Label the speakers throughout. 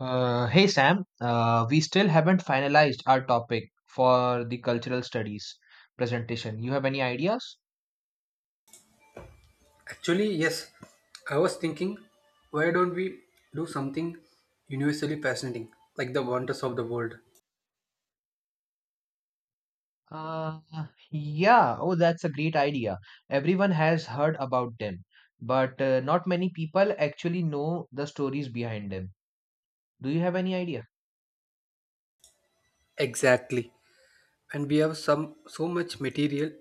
Speaker 1: Hey Sam, we still haven't finalized our topic for the cultural studies presentation. You have any ideas?
Speaker 2: Actually, yes, I was thinking, why don't we do something universally fascinating, like the wonders of the world?
Speaker 1: Uh, yeah, oh, that's a great idea. Everyone has heard about them, but not many people actually know the stories behind them. Do you have any idea?
Speaker 2: Exactly. And we have some so much material,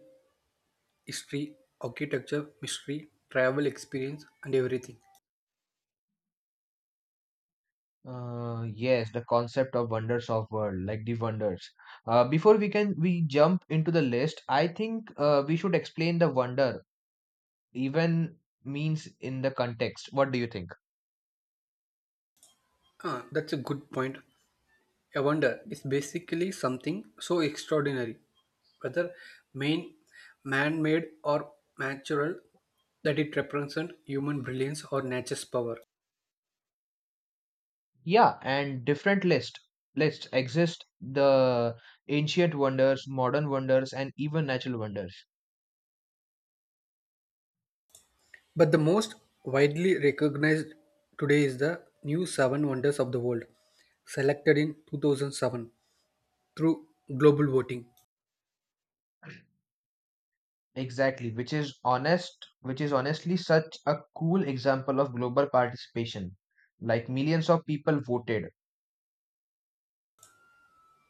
Speaker 2: history, architecture, mystery, travel experience, and everything.
Speaker 1: Yes, the concept of wonders of world, like the wonders. Before we jump into the list, I think we should explain the wonder even means in the context. What do you think?
Speaker 2: Ah, that's a good point. A wonder is basically something so extraordinary, whether main man-made or natural, that it represents human brilliance or nature's power.
Speaker 1: Yeah, and different lists exist: the ancient wonders, modern wonders, and even natural wonders.
Speaker 2: But the most widely recognized today is the new Seven Wonders of the World, selected in 2007 through global voting.
Speaker 1: Exactly, which is honestly such a cool example of global participation. Like millions of people voted.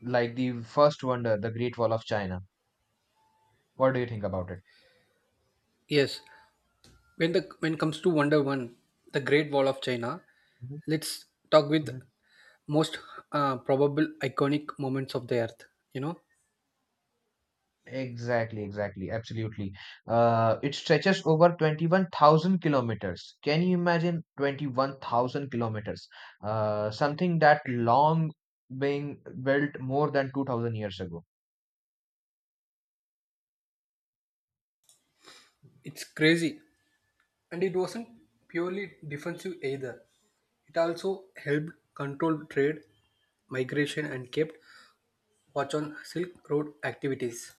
Speaker 1: Like the first wonder, the Great Wall of China. What do you think about it?
Speaker 2: Yes, when it comes to Wonder One, the Great Wall of China,
Speaker 1: Mhm.
Speaker 2: let's talk with
Speaker 1: Mhm.
Speaker 2: most probable iconic moments of the Earth. You know,
Speaker 1: Exactly, exactly, absolutely. It stretches over 21,000 kilometers. Can you imagine 21,000 kilometers? Something that long being built more than 2,000 years ago.
Speaker 2: it's crazy, and it wasn't purely defensive either. It also helped control trade, migration, and kept watch on Silk Road activities.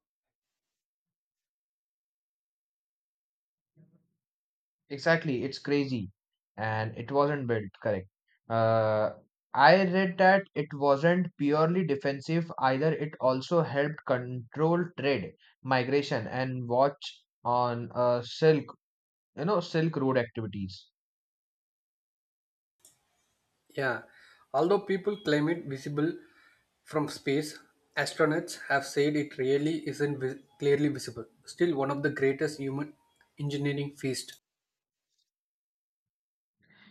Speaker 1: Exactly, it's crazy. And it wasn't built, correct. Uh, I read that it wasn't purely defensive either. It also helped control trade, migration, and watch on silk, Silk Road activities.
Speaker 2: Yeah, although people claim it visible from space, astronauts have said it really isn't clearly visible. Still, one of the greatest human engineering feats.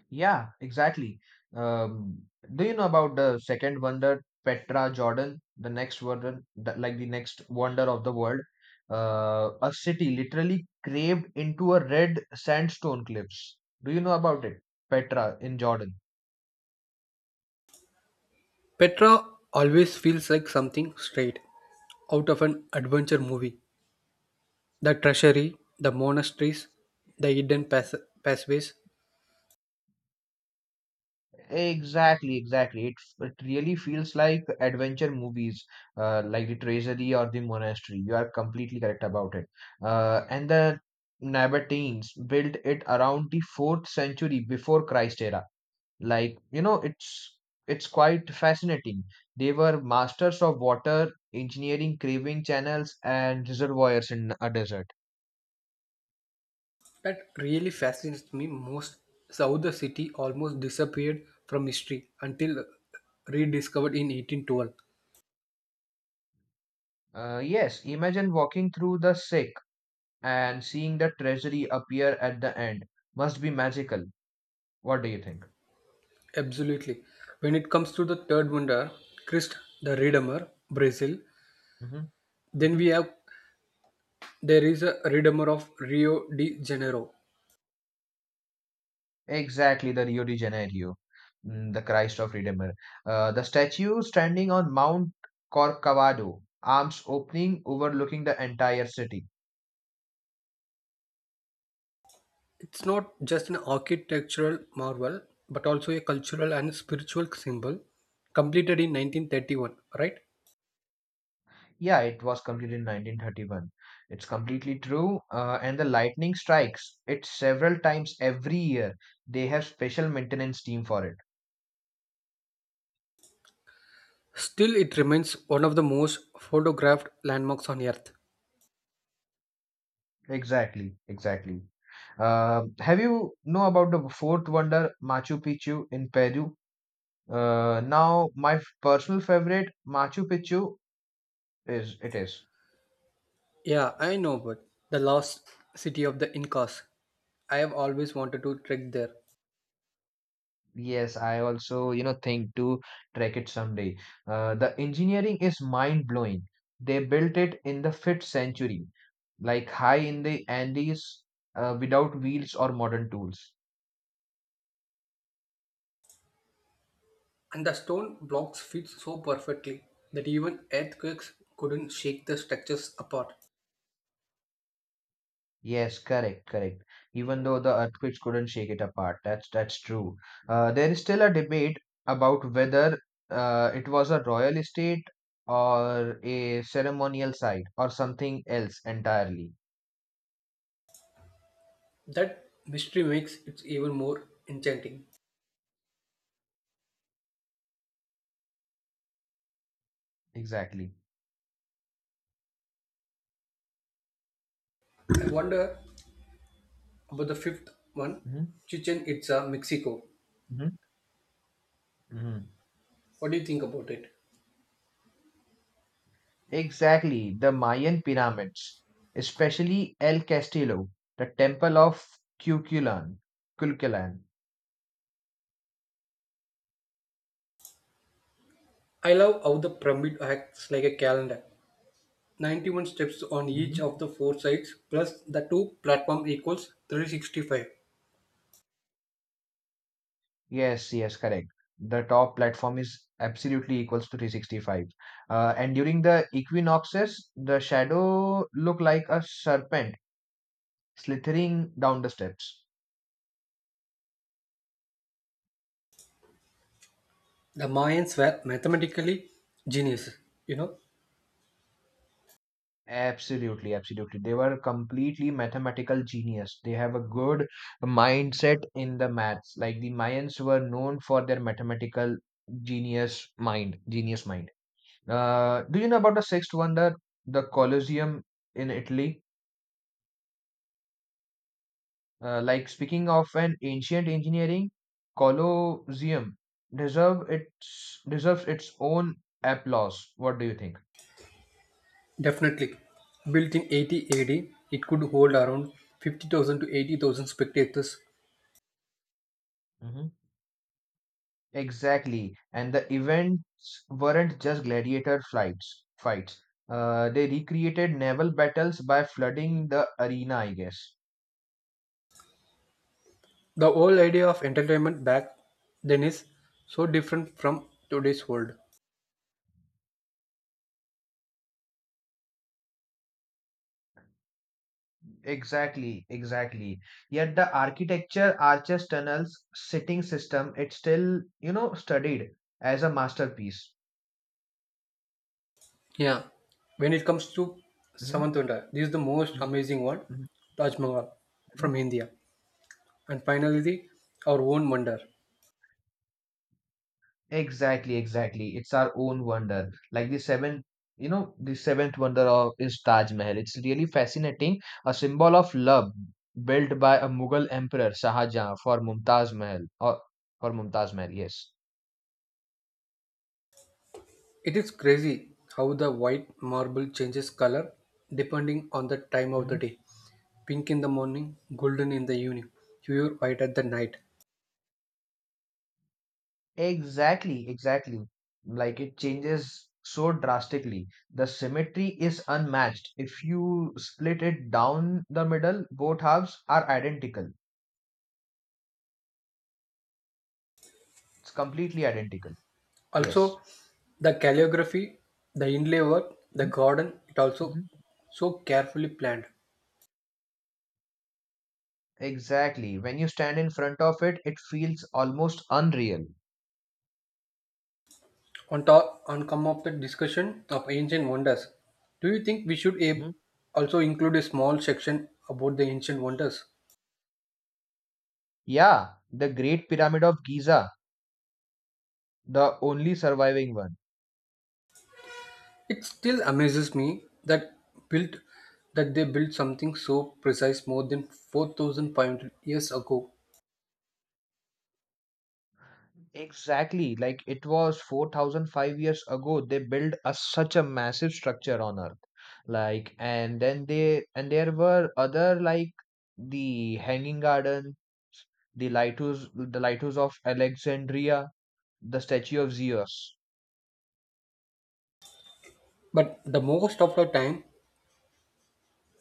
Speaker 1: Yeah, exactly. Um, do you know about the second wonder, Petra Jordan, the next wonder, the, like the next wonder of the world? A city literally craved into a red sandstone cliffs. Do you know about it? Petra in Jordan.
Speaker 2: Petra always feels like something straight out of an adventure movie. The treasury, the monasteries, the hidden pathways.
Speaker 1: Exactly, exactly. It really feels like adventure movies, like the Treasury or the Monastery. You are completely correct about it. And the Nabateans built it around the fourth century before Christ era. Like, it's quite fascinating. They were masters of water, engineering, craving channels, and reservoirs in a desert.
Speaker 2: That really fascinates me most is how the city almost disappeared from history until rediscovered in 1812.
Speaker 1: Yes, imagine walking through the sick and seeing the treasury appear at the end must be magical. What do you think?
Speaker 2: Absolutely. When it comes to the third wonder, Christ the Redeemer, Brazil,
Speaker 1: Hmm.
Speaker 2: then we
Speaker 1: Hmm.
Speaker 2: have there is a Redeemer of Rio de Janeiro.
Speaker 1: Exactly, the Rio de Janeiro, the Christ of Redeemer. The statue standing on Mount Corcovado, arms opening, overlooking the entire city.
Speaker 2: It's not just an architectural marvel, but also a cultural and spiritual symbol, completed in 1931, right?
Speaker 1: Yeah, it was completed in 1931. It's completely true. And the lightning strikes it several times every year. They have special maintenance team for it.
Speaker 2: Still, it remains one of the most photographed landmarks on Earth.
Speaker 1: Exactly, exactly. Have you know about the fourth wonder, Machu Picchu in Peru? Now my personal favorite, Machu Picchu, is it is.
Speaker 2: Yeah, I know, but the lost city of the Incas. I have always wanted to trek there.
Speaker 1: Yes, I also think to trek it someday. The engineering is mind blowing. They built it in the fifth century, like high in the Andes, without wheels or modern tools.
Speaker 2: And the stone blocks fit so perfectly that even earthquakes couldn't shake the structures apart.
Speaker 1: Yes, correct, correct. Even though the earthquakes couldn't shake it apart, that's true. There is still a debate about whether it was a royal estate or a ceremonial site or something else entirely.
Speaker 2: That mystery makes it even more enchanting.
Speaker 1: Exactly.
Speaker 2: I wonder about the fifth one,
Speaker 1: Hmm.
Speaker 2: Chichen Itza, Mexico.
Speaker 1: Hmm. Hmm.
Speaker 2: What do you think about it?
Speaker 1: Exactly. The Mayan pyramids, especially El Castillo, the temple of Cuculan, Culcalan.
Speaker 2: I love how the pyramid acts like a calendar. 91 steps on each of the four sides plus the two platform equals 365.
Speaker 1: Yes, yes, correct. The top platform is absolutely equals to 365. And during the equinoxes, the shadow look like a serpent slithering down the steps.
Speaker 2: The Mayans were mathematically geniuses, you know.
Speaker 1: Absolutely, absolutely. They were completely mathematical genius. They have a good mindset in the maths. Like the Mayans were known for their mathematical genius mind. Do you know about the sixth wonder, the Colosseum in Italy? Like speaking of an ancient engineering, colosseum deserves its own applause. What do you think?
Speaker 2: Definitely. Built in 80 AD, it could hold around 50,000 to 80,000 spectators.
Speaker 1: Hmm. Exactly, and the events weren't just gladiator flights fights. They recreated naval battles by flooding the arena, I guess.
Speaker 2: The whole idea of entertainment back then is so different from today's world.
Speaker 1: Exactly, exactly. Yet the architecture, arches, tunnels, sitting system, it's still, studied as a masterpiece.
Speaker 2: Yeah. When it comes to
Speaker 1: Mhm.
Speaker 2: Samantunda, this is the most
Speaker 1: Mhm.
Speaker 2: amazing one,
Speaker 1: Mhm.
Speaker 2: Taj Mahal
Speaker 1: Mhm.
Speaker 2: from India. And finally, the our own wonder.
Speaker 1: Exactly, exactly. It's our own wonder. Like the seventh wonder of is Taj Mahal. It's really fascinating, a symbol of love built by a Mughal emperor Shah Jahan for Mumtaz Mahal. Yes.
Speaker 2: It is crazy how the white marble changes color depending on the time of the
Speaker 1: Mhm.
Speaker 2: day. Pink in the morning, golden in the evening, pure white at the night.
Speaker 1: Exactly, exactly. Like it changes so drastically. The symmetry is unmatched. If you split it down the middle, both halves are identical. It's completely identical. Yes.
Speaker 2: Also, the calligraphy, the inlay work, the garden, it also so carefully planned.
Speaker 1: Exactly. When you stand in front of it, it feels almost unreal.
Speaker 2: On top on come of the discussion of ancient wonders, do you think we should
Speaker 1: Mhm.
Speaker 2: also include a small section about the ancient wonders?
Speaker 1: Yeah, the Great Pyramid of Giza, the only surviving one.
Speaker 2: It still amazes me that built that they built something so precise more than 4,500 years ago.
Speaker 1: Exactly. Like it was 4,005 years ago, they built such a massive structure on Earth. Like, and there were other, like the Hanging Garden, the Lighthouse of Alexandria, the Statue of Zeus.
Speaker 2: But the most of the time,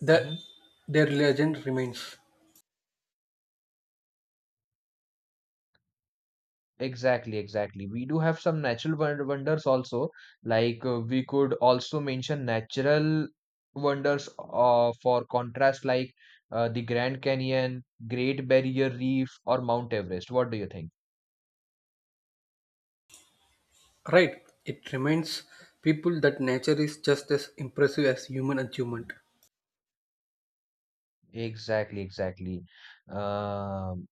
Speaker 2: the
Speaker 1: Mm-hmm.
Speaker 2: their legend remains.
Speaker 1: Exactly, exactly. We do have some natural wonders also. Like we could also mention natural wonders for contrast, like the Grand Canyon, Great Barrier Reef, or Mount Everest. What do you think?
Speaker 2: Right, it reminds people that nature is just as impressive as human achievement.
Speaker 1: Exactly, exactly. Um,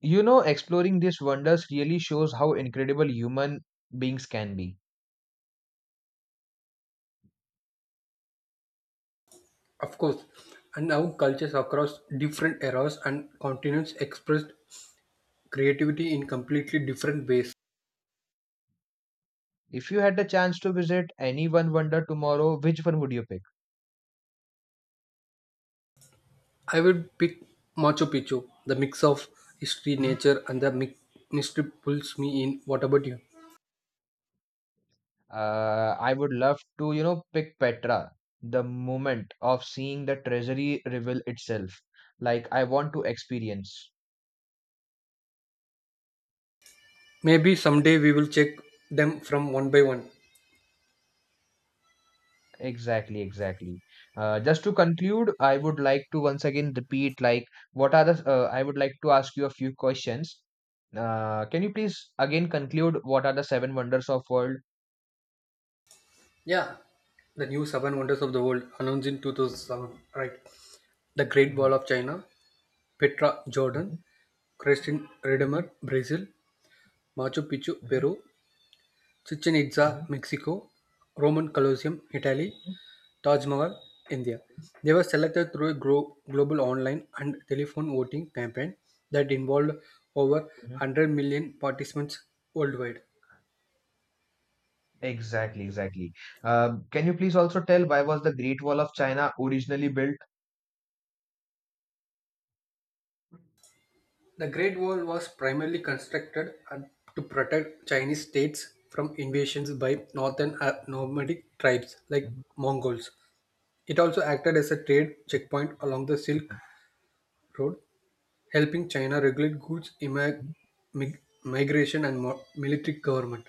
Speaker 1: exploring these wonders really shows how incredible human beings can be.
Speaker 2: Of course, and how cultures across different eras and continents expressed creativity in completely different ways.
Speaker 1: If you had the chance to visit any one wonder tomorrow, which one would you pick?
Speaker 2: I would pick Machu Picchu. The mix of history, nature, and the mystery pulls me in. What about you?
Speaker 1: I would love to, pick Petra, the moment of seeing the treasury reveal itself. Like, I want to experience.
Speaker 2: Maybe someday we will check them from one by one.
Speaker 1: Exactly, exactly. Just to conclude, I would like to once again repeat, like, I would like to ask you a few questions. Can you please again conclude what are the seven wonders of world?
Speaker 2: Yeah, the new seven wonders of the world announced in 2007. Right, the Great Wall
Speaker 1: Mhm.
Speaker 2: of China, Petra,
Speaker 1: Mhm.
Speaker 2: Jordan, Christian
Speaker 1: Mhm.
Speaker 2: Redeemer Brazil, Machu Picchu
Speaker 1: Mhm.
Speaker 2: Peru, Chichen Itza
Speaker 1: Mhm.
Speaker 2: Mexico, Roman Colosseum Italy,
Speaker 1: Mhm.
Speaker 2: Taj Mahal India. They were selected through a global online and telephone voting campaign that involved over
Speaker 1: Mhm.
Speaker 2: 100 million participants worldwide.
Speaker 1: Exactly, exactly. Can you please also tell why was the Great Wall of China originally built?
Speaker 2: The Great Wall was primarily constructed to protect Chinese states from invasions by northern nomadic tribes like Mongols. It also acted as a trade checkpoint along the Silk Road, helping China regulate goods migration and military government.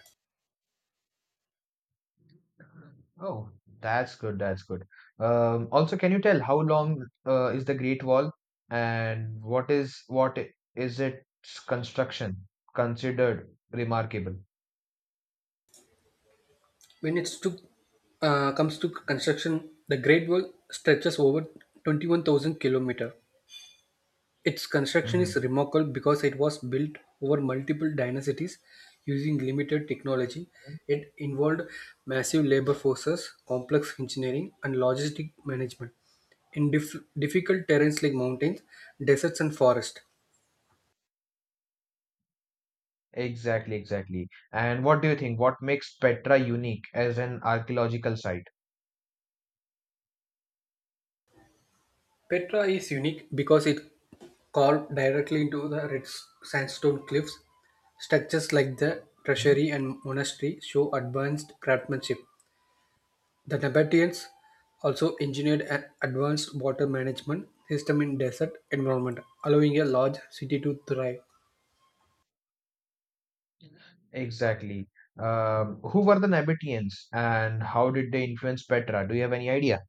Speaker 1: Oh, that's good. That's good. Also, can you tell how long is the Great Wall and what is its construction considered remarkable?
Speaker 2: When it's to comes to construction, the Great Wall stretches over 21,000 kilometers. Its construction
Speaker 1: Hmm.
Speaker 2: is remarkable because it was built over multiple dynasties using limited technology. It involved massive labor forces, complex engineering, and logistic management in difficult terrains like mountains, deserts, and forests.
Speaker 1: Exactly, exactly. And what do you think? What makes Petra unique as an archaeological site?
Speaker 2: Petra is unique because it carved directly into the red sandstone cliffs. Structures like the
Speaker 1: Mhm.
Speaker 2: treasury and monastery show advanced craftsmanship. The Nabateans also engineered an advanced water management system in desert environment, allowing a large city to thrive.
Speaker 1: Exactly. Who were the Nabateans and how did they influence Petra? Do you have any idea?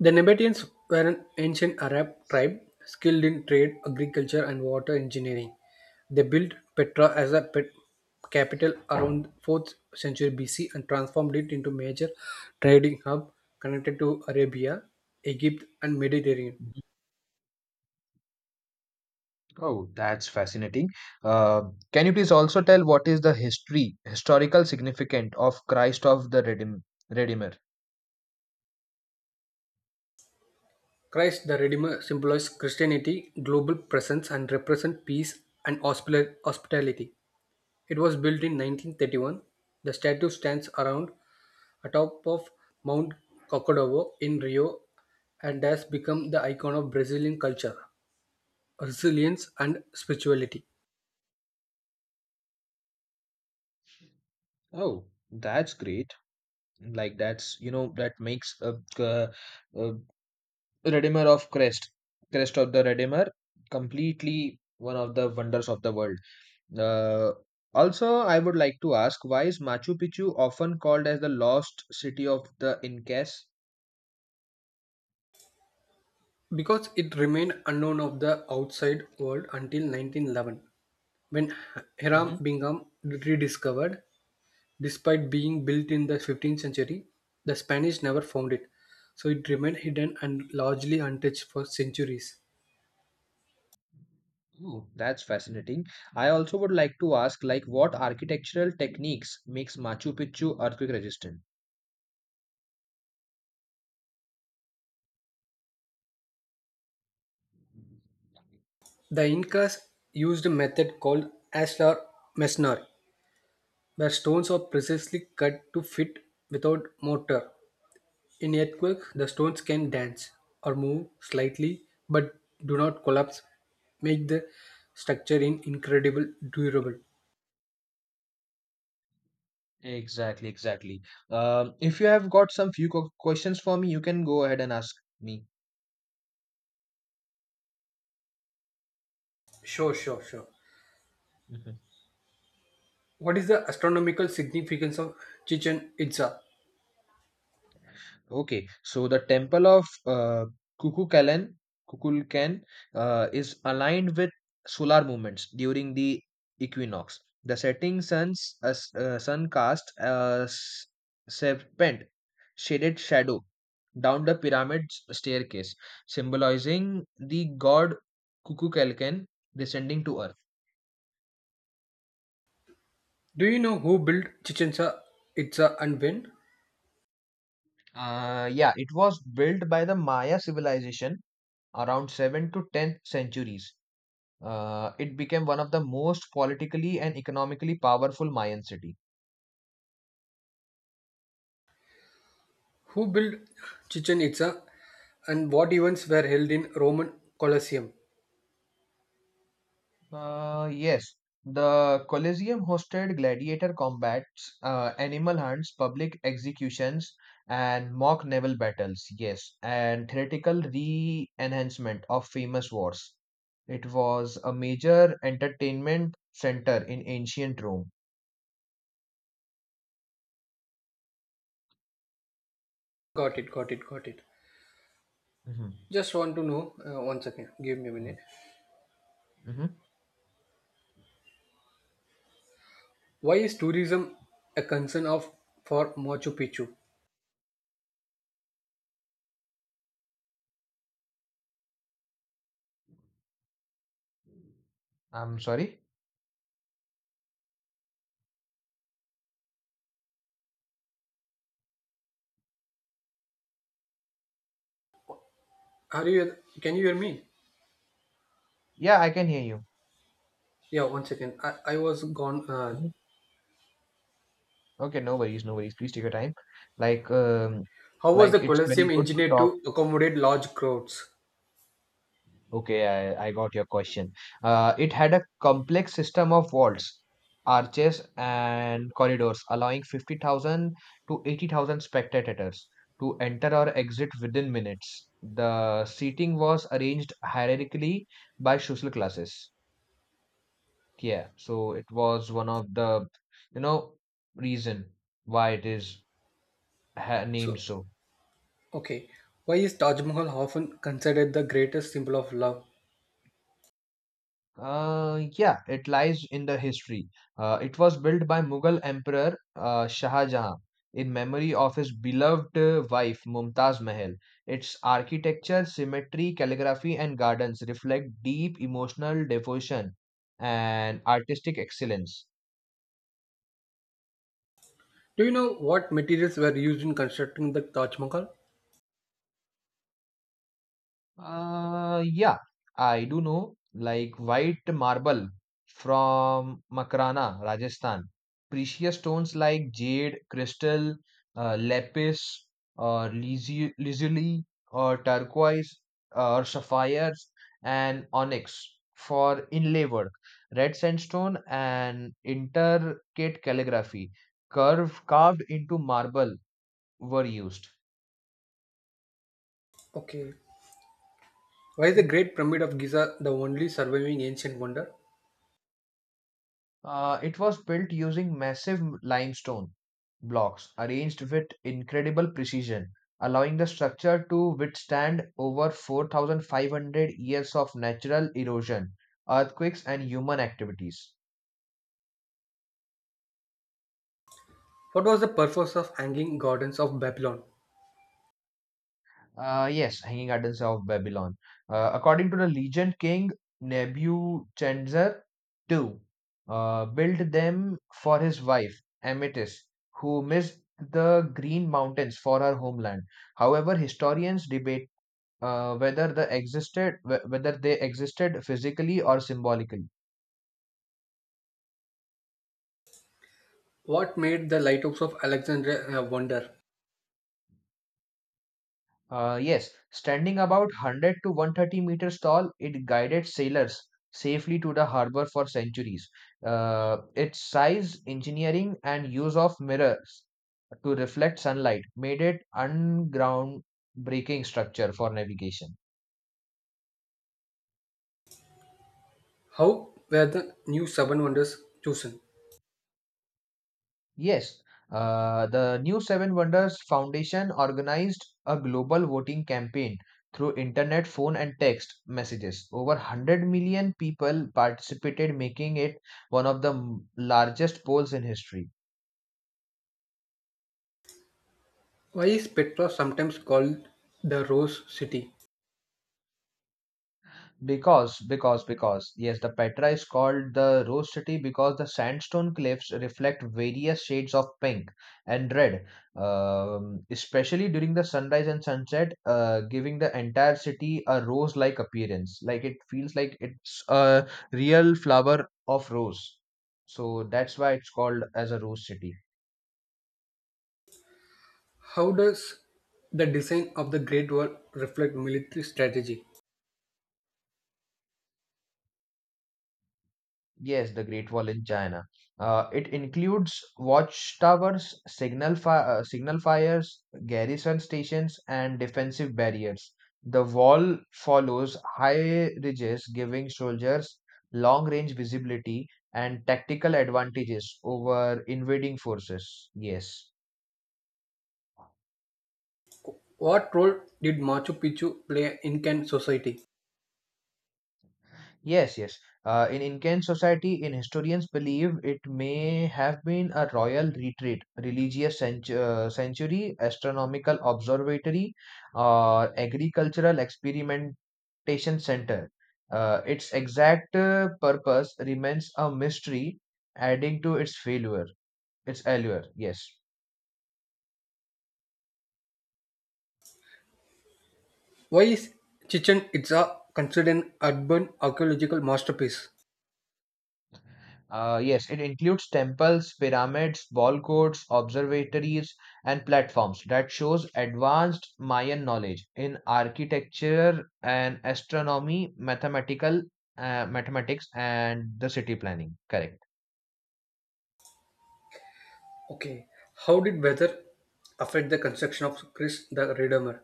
Speaker 2: The Nabateans were an ancient Arab tribe skilled in trade, agriculture, and water engineering. They built Petra as a pet capital around 4th century BC and transformed it into major trading hub connected to Arabia, Egypt, and Mediterranean.
Speaker 1: Oh, that's fascinating. Uh, can you please also tell what is the history, historical significance of Christ of the Redeemer?
Speaker 2: Christ the Redeemer symbolizes Christianity, global presence, and represents peace and hospitality. It was built in 1931. The statue stands around atop of Mount Kokodovo in Rio and has become the icon of Brazilian culture, resilience, and spirituality.
Speaker 1: Oh, that's great. Like that's that makes uh uh Redeemer of Christ, Christ of the Redeemer, completely one of the wonders of the world. Uh, Also, I would like to ask why is Machu Picchu often called as the lost city of the Incas?
Speaker 2: Because it remained unknown of the outside world until 1911 when Hiram
Speaker 1: Hmm.
Speaker 2: Bingham rediscovered, despite being built in the 15th century, the Spanish never found it, so it remained hidden and largely untouched for centuries.
Speaker 1: Oh, that's fascinating. I also would like to ask, like, what architectural techniques makes Machu Picchu earthquake resistant?
Speaker 2: The Incas used a method called ashlar masonry where stones are precisely cut to fit without mortar. In earthquake, the stones can dance or move slightly, but do not collapse, make the structure in incredible durable.
Speaker 1: Exactly, exactly. If you have got some few questions for me, you can go ahead and ask me.
Speaker 2: Sure, sure, sure.
Speaker 1: Mhm.
Speaker 2: What is the astronomical significance of Chichen Itza?
Speaker 1: Okay, so the temple of Kukulkan, Kukulkan is aligned with solar movements during the equinox. The setting sun casts a serpent shaded shadow down the pyramid staircase, symbolizing the god Kukulkan descending to earth.
Speaker 2: Do you know who built Chichen Itza and when?
Speaker 1: Yeah, it was built by the Maya civilization around 7th to 10th centuries. It became one of the most politically and economically powerful Mayan city.
Speaker 2: Who built Chichen Itza and what events were held in Roman Colosseum?
Speaker 1: Yes, the Colosseum hosted gladiator combats, animal hunts, public executions, and mock naval battles. Yes, and theatrical re-enhancement of famous wars. It was a major entertainment center in ancient Rome.
Speaker 2: Got it, got it, got it.
Speaker 1: Mhm.
Speaker 2: Just want to know one second. Give me a
Speaker 1: Mhm.
Speaker 2: minute.
Speaker 1: Mhm.
Speaker 2: Why is tourism a concern of for Machu Picchu?
Speaker 1: I'm sorry.
Speaker 2: Are you? Can you hear me?
Speaker 1: Yeah, I can hear you.
Speaker 2: Yeah, one second. I was gone.
Speaker 1: Mm-hmm. Okay, no worries, no worries. Please take your time. Like, um,
Speaker 2: How was the
Speaker 1: like it's very
Speaker 2: Colosseum
Speaker 1: good to
Speaker 2: engineered
Speaker 1: talk.
Speaker 2: to accommodate large crowds?
Speaker 1: Okay, I got your question. It had a complex system of walls, arches, and corridors, allowing 50,000 to 80,000 spectators to enter or exit within minutes. The seating was arranged hierarchically by social classes. Yeah, so it was one of the, you know, reason why it is ha named
Speaker 2: So,
Speaker 1: so.
Speaker 2: okay. Why is Taj Mahal often considered the greatest symbol of love?
Speaker 1: Yeah, it lies in the history. It was built by Mughal Emperor Shah Jahan in memory of his beloved wife Mumtaz Mahal. Its architecture, symmetry, calligraphy, and gardens reflect deep emotional devotion and artistic excellence.
Speaker 2: Do you know what materials were used in constructing the Taj Mahal?
Speaker 1: Yeah, I do know, like white marble from Makrana, Rajasthan. Precious stones like jade, crystal, lapis, or lazuli, or turquoise, or sapphires, and onyx for inlay work. Red sandstone and intricate calligraphy, curve carved into marble were used.
Speaker 2: Okay. Why is the
Speaker 1: Hmm?
Speaker 2: Great Pyramid of Giza the only surviving ancient wonder?
Speaker 1: It was built using massive limestone blocks arranged with incredible precision, allowing the structure to withstand over 4,500 years of natural erosion, earthquakes, and human activities.
Speaker 2: What was the purpose of hanging gardens of Babylon?
Speaker 1: Yes, Hanging Gardens of Babylon. According to the legend, King Nebuchadnezzar II built them for his wife, Amytis, who missed the Green Mountains for her homeland. However, historians debate whether whether they existed physically or symbolically.
Speaker 2: What made the lighthouse of Alexandria a wonder?
Speaker 1: Yes, standing about 100 to 130 meters tall, it guided sailors safely to the harbor for centuries. Its size, engineering, and use of mirrors to reflect sunlight made it unground breaking structure for navigation.
Speaker 2: How were the new seven wonders chosen?
Speaker 1: Yes, the New Seven Wonders Foundation organized a global voting campaign through internet, phone, and text messages. Over 100 million people participated, making it one of the largest polls in history.
Speaker 2: Why is Petra sometimes called the Rose City?
Speaker 1: Yes, the Petra is called the Rose City because the sandstone cliffs reflect various shades of pink and red, especially during the sunrise and sunset, giving the entire city a rose like appearance. Like it feels like it's a real flower of rose. So that's why it's called as a Rose City.
Speaker 2: How does the design of the Great Wall reflect military strategy?
Speaker 1: Yes, the Great Wall in China. It includes watchtowers, signal fires, garrison stations, and defensive barriers. The wall follows high ridges, giving soldiers long-range visibility and tactical advantages over invading forces. Yes.
Speaker 2: What role did Machu Picchu play in Incan society?
Speaker 1: Yes, yes. In Incan society, in historians believe it may have been a royal retreat, sanctuary, astronomical observatory, or agricultural experimentation center. Its exact purpose remains a mystery, adding to its failure, its allure. Yes.
Speaker 2: Why is Chichen Itza considered an urban archaeological masterpiece?
Speaker 1: Yes, it includes temples, pyramids, ball courts, observatories, and platforms that shows advanced Mayan knowledge in architecture and astronomy, mathematics, and the city planning. Correct.
Speaker 2: Okay, how did weather affect the construction of Chris the Redeemer?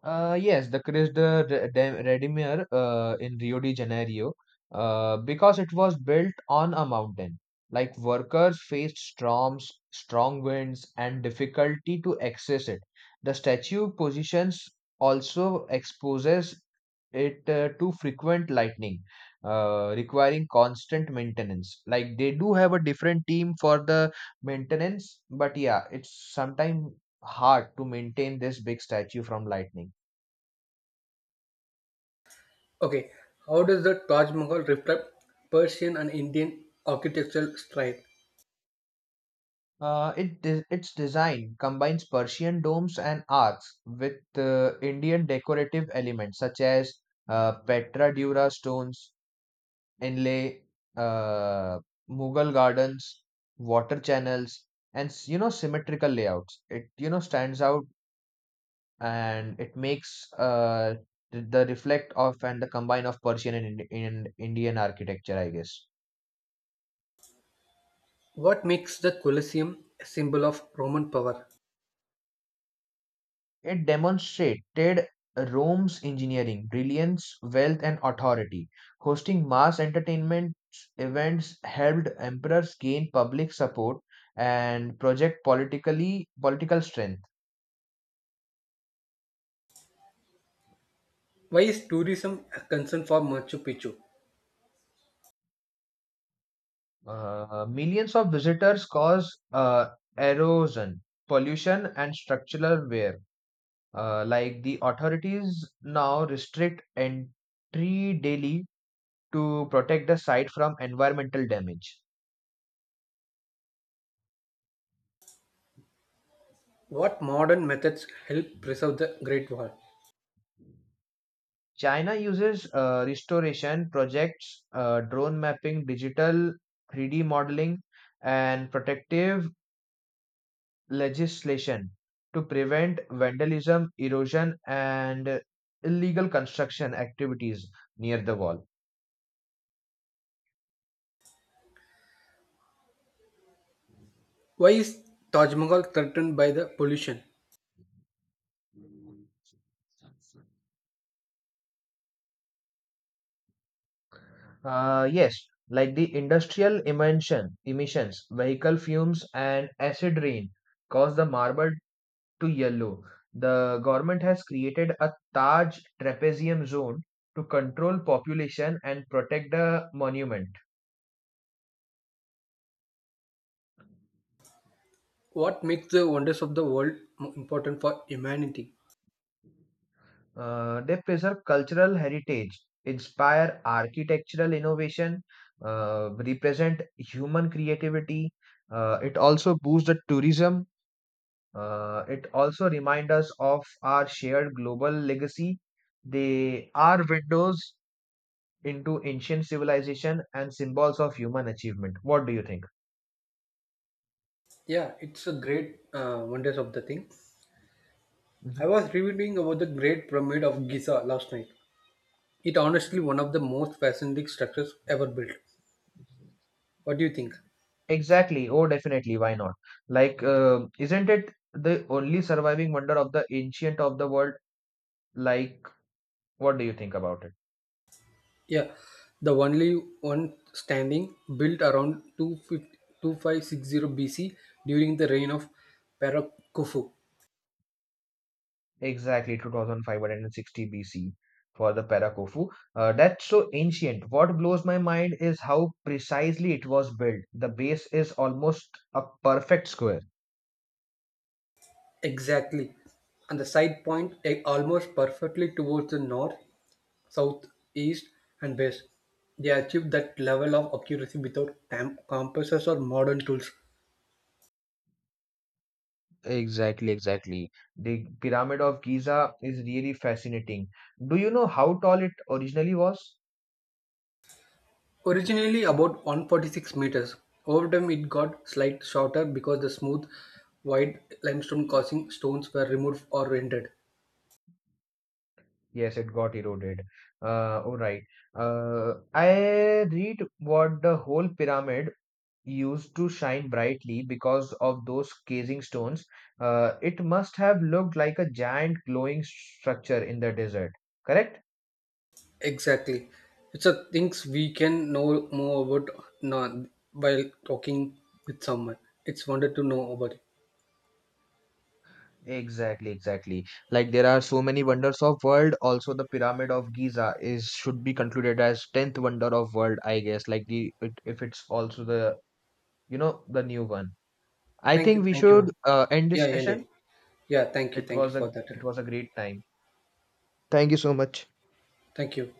Speaker 1: Yes, the Chris de Re- de- Redimir in Rio de Janeiro, because it was built on a mountain. Like workers faced storms, strong winds, and difficulty to access it. The statue positions also exposes it to frequent lightning, requiring constant maintenance. Like they do have a different team for the maintenance, but yeah, it's sometimes hard to maintain this big statue from lightning.
Speaker 2: Okay, how does the Taj Mahal reflect Persian and Indian architectural style?
Speaker 1: Its design combines Persian domes and arcs with Indian decorative elements such as Petra Dura stones, inlay, uh, Mughal gardens, water channels, and symmetrical layouts. It stands out and it makes the reflect of and the combine of Persian and Ind- in Indian architecture, I guess.
Speaker 2: What makes the Colosseum a symbol of Roman power?
Speaker 1: It demonstrated Rome's engineering, brilliance, wealth, and authority. Hosting mass entertainment events helped emperors gain public support and project political strength.
Speaker 2: Why is tourism a concern for Machu Picchu?
Speaker 1: Millions of visitors cause erosion, pollution, and structural wear. Like the authorities now restrict entry daily to protect the site from environmental damage.
Speaker 2: What modern methods help preserve the Great Wall?
Speaker 1: China uses restoration projects, drone mapping, digital 3D modeling, and protective legislation to prevent vandalism, erosion, and illegal construction activities near the wall.
Speaker 2: Why is Taj Mahal threatened by the pollution?
Speaker 1: Yes, like the emissions, vehicle fumes, and acid rain cause the marble to yellow. The government has created a Taj Trapezium Zone to control population and protect the monument.
Speaker 2: What makes the wonders of the world important for humanity?
Speaker 1: They preserve cultural heritage, inspire architectural innovation, represent human creativity. It also boosts the tourism. It also reminds us of our shared global legacy. They are windows into ancient civilization and symbols of human achievement. What do you think?
Speaker 2: Yeah, it's a great wonders of the thing.
Speaker 1: Mhm.
Speaker 2: I was reading about the Great Pyramid of Giza last night. It honestly one of the most fascinating structures ever built. What do you think?
Speaker 1: Exactly. Oh, definitely. Why not? Like, isn't it the only surviving wonder of the ancient of the world? Like, what do you think about it?
Speaker 2: Yeah, the only one standing built around 2525 BC during the reign of Parakufu.
Speaker 1: Exactly, 2560 BC for the Parakofu. That's so ancient. What blows my mind is how precisely it was built. The base is almost a perfect square.
Speaker 2: Exactly. And the side point almost perfectly towards the north, south, east, and west. They achieved that level of accuracy without compasses or modern tools.
Speaker 1: Exactly, exactly. The Pyramid of Giza is really fascinating. Do you know how tall it originally was?
Speaker 2: Originally about 146 meters, over time it got slight shorter because the smooth, wide limestone causing stones were removed or rendered.
Speaker 1: Yes, it got eroded. All right. I read what the whole pyramid used to shine brightly because of those casing stones. It must have looked like a giant glowing structure in the desert. Correct?
Speaker 2: Exactly. It's a things we can know more about now by talking with someone. It's wonder to know about it.
Speaker 1: Exactly, exactly. Like there are so many wonders of world. Also, the Pyramid of Giza is should be concluded as tenth wonder of world, I guess. Like if it's also the the new one. I
Speaker 2: Thank
Speaker 1: think
Speaker 2: you.
Speaker 1: we
Speaker 2: Thank
Speaker 1: should
Speaker 2: you.
Speaker 1: end this
Speaker 2: Yeah, yeah. Yeah,
Speaker 1: session.
Speaker 2: Yeah, thank you.
Speaker 1: It
Speaker 2: Thank you
Speaker 1: was
Speaker 2: for
Speaker 1: a
Speaker 2: that.
Speaker 1: it was a great time. Thank you so much.
Speaker 2: Thank you.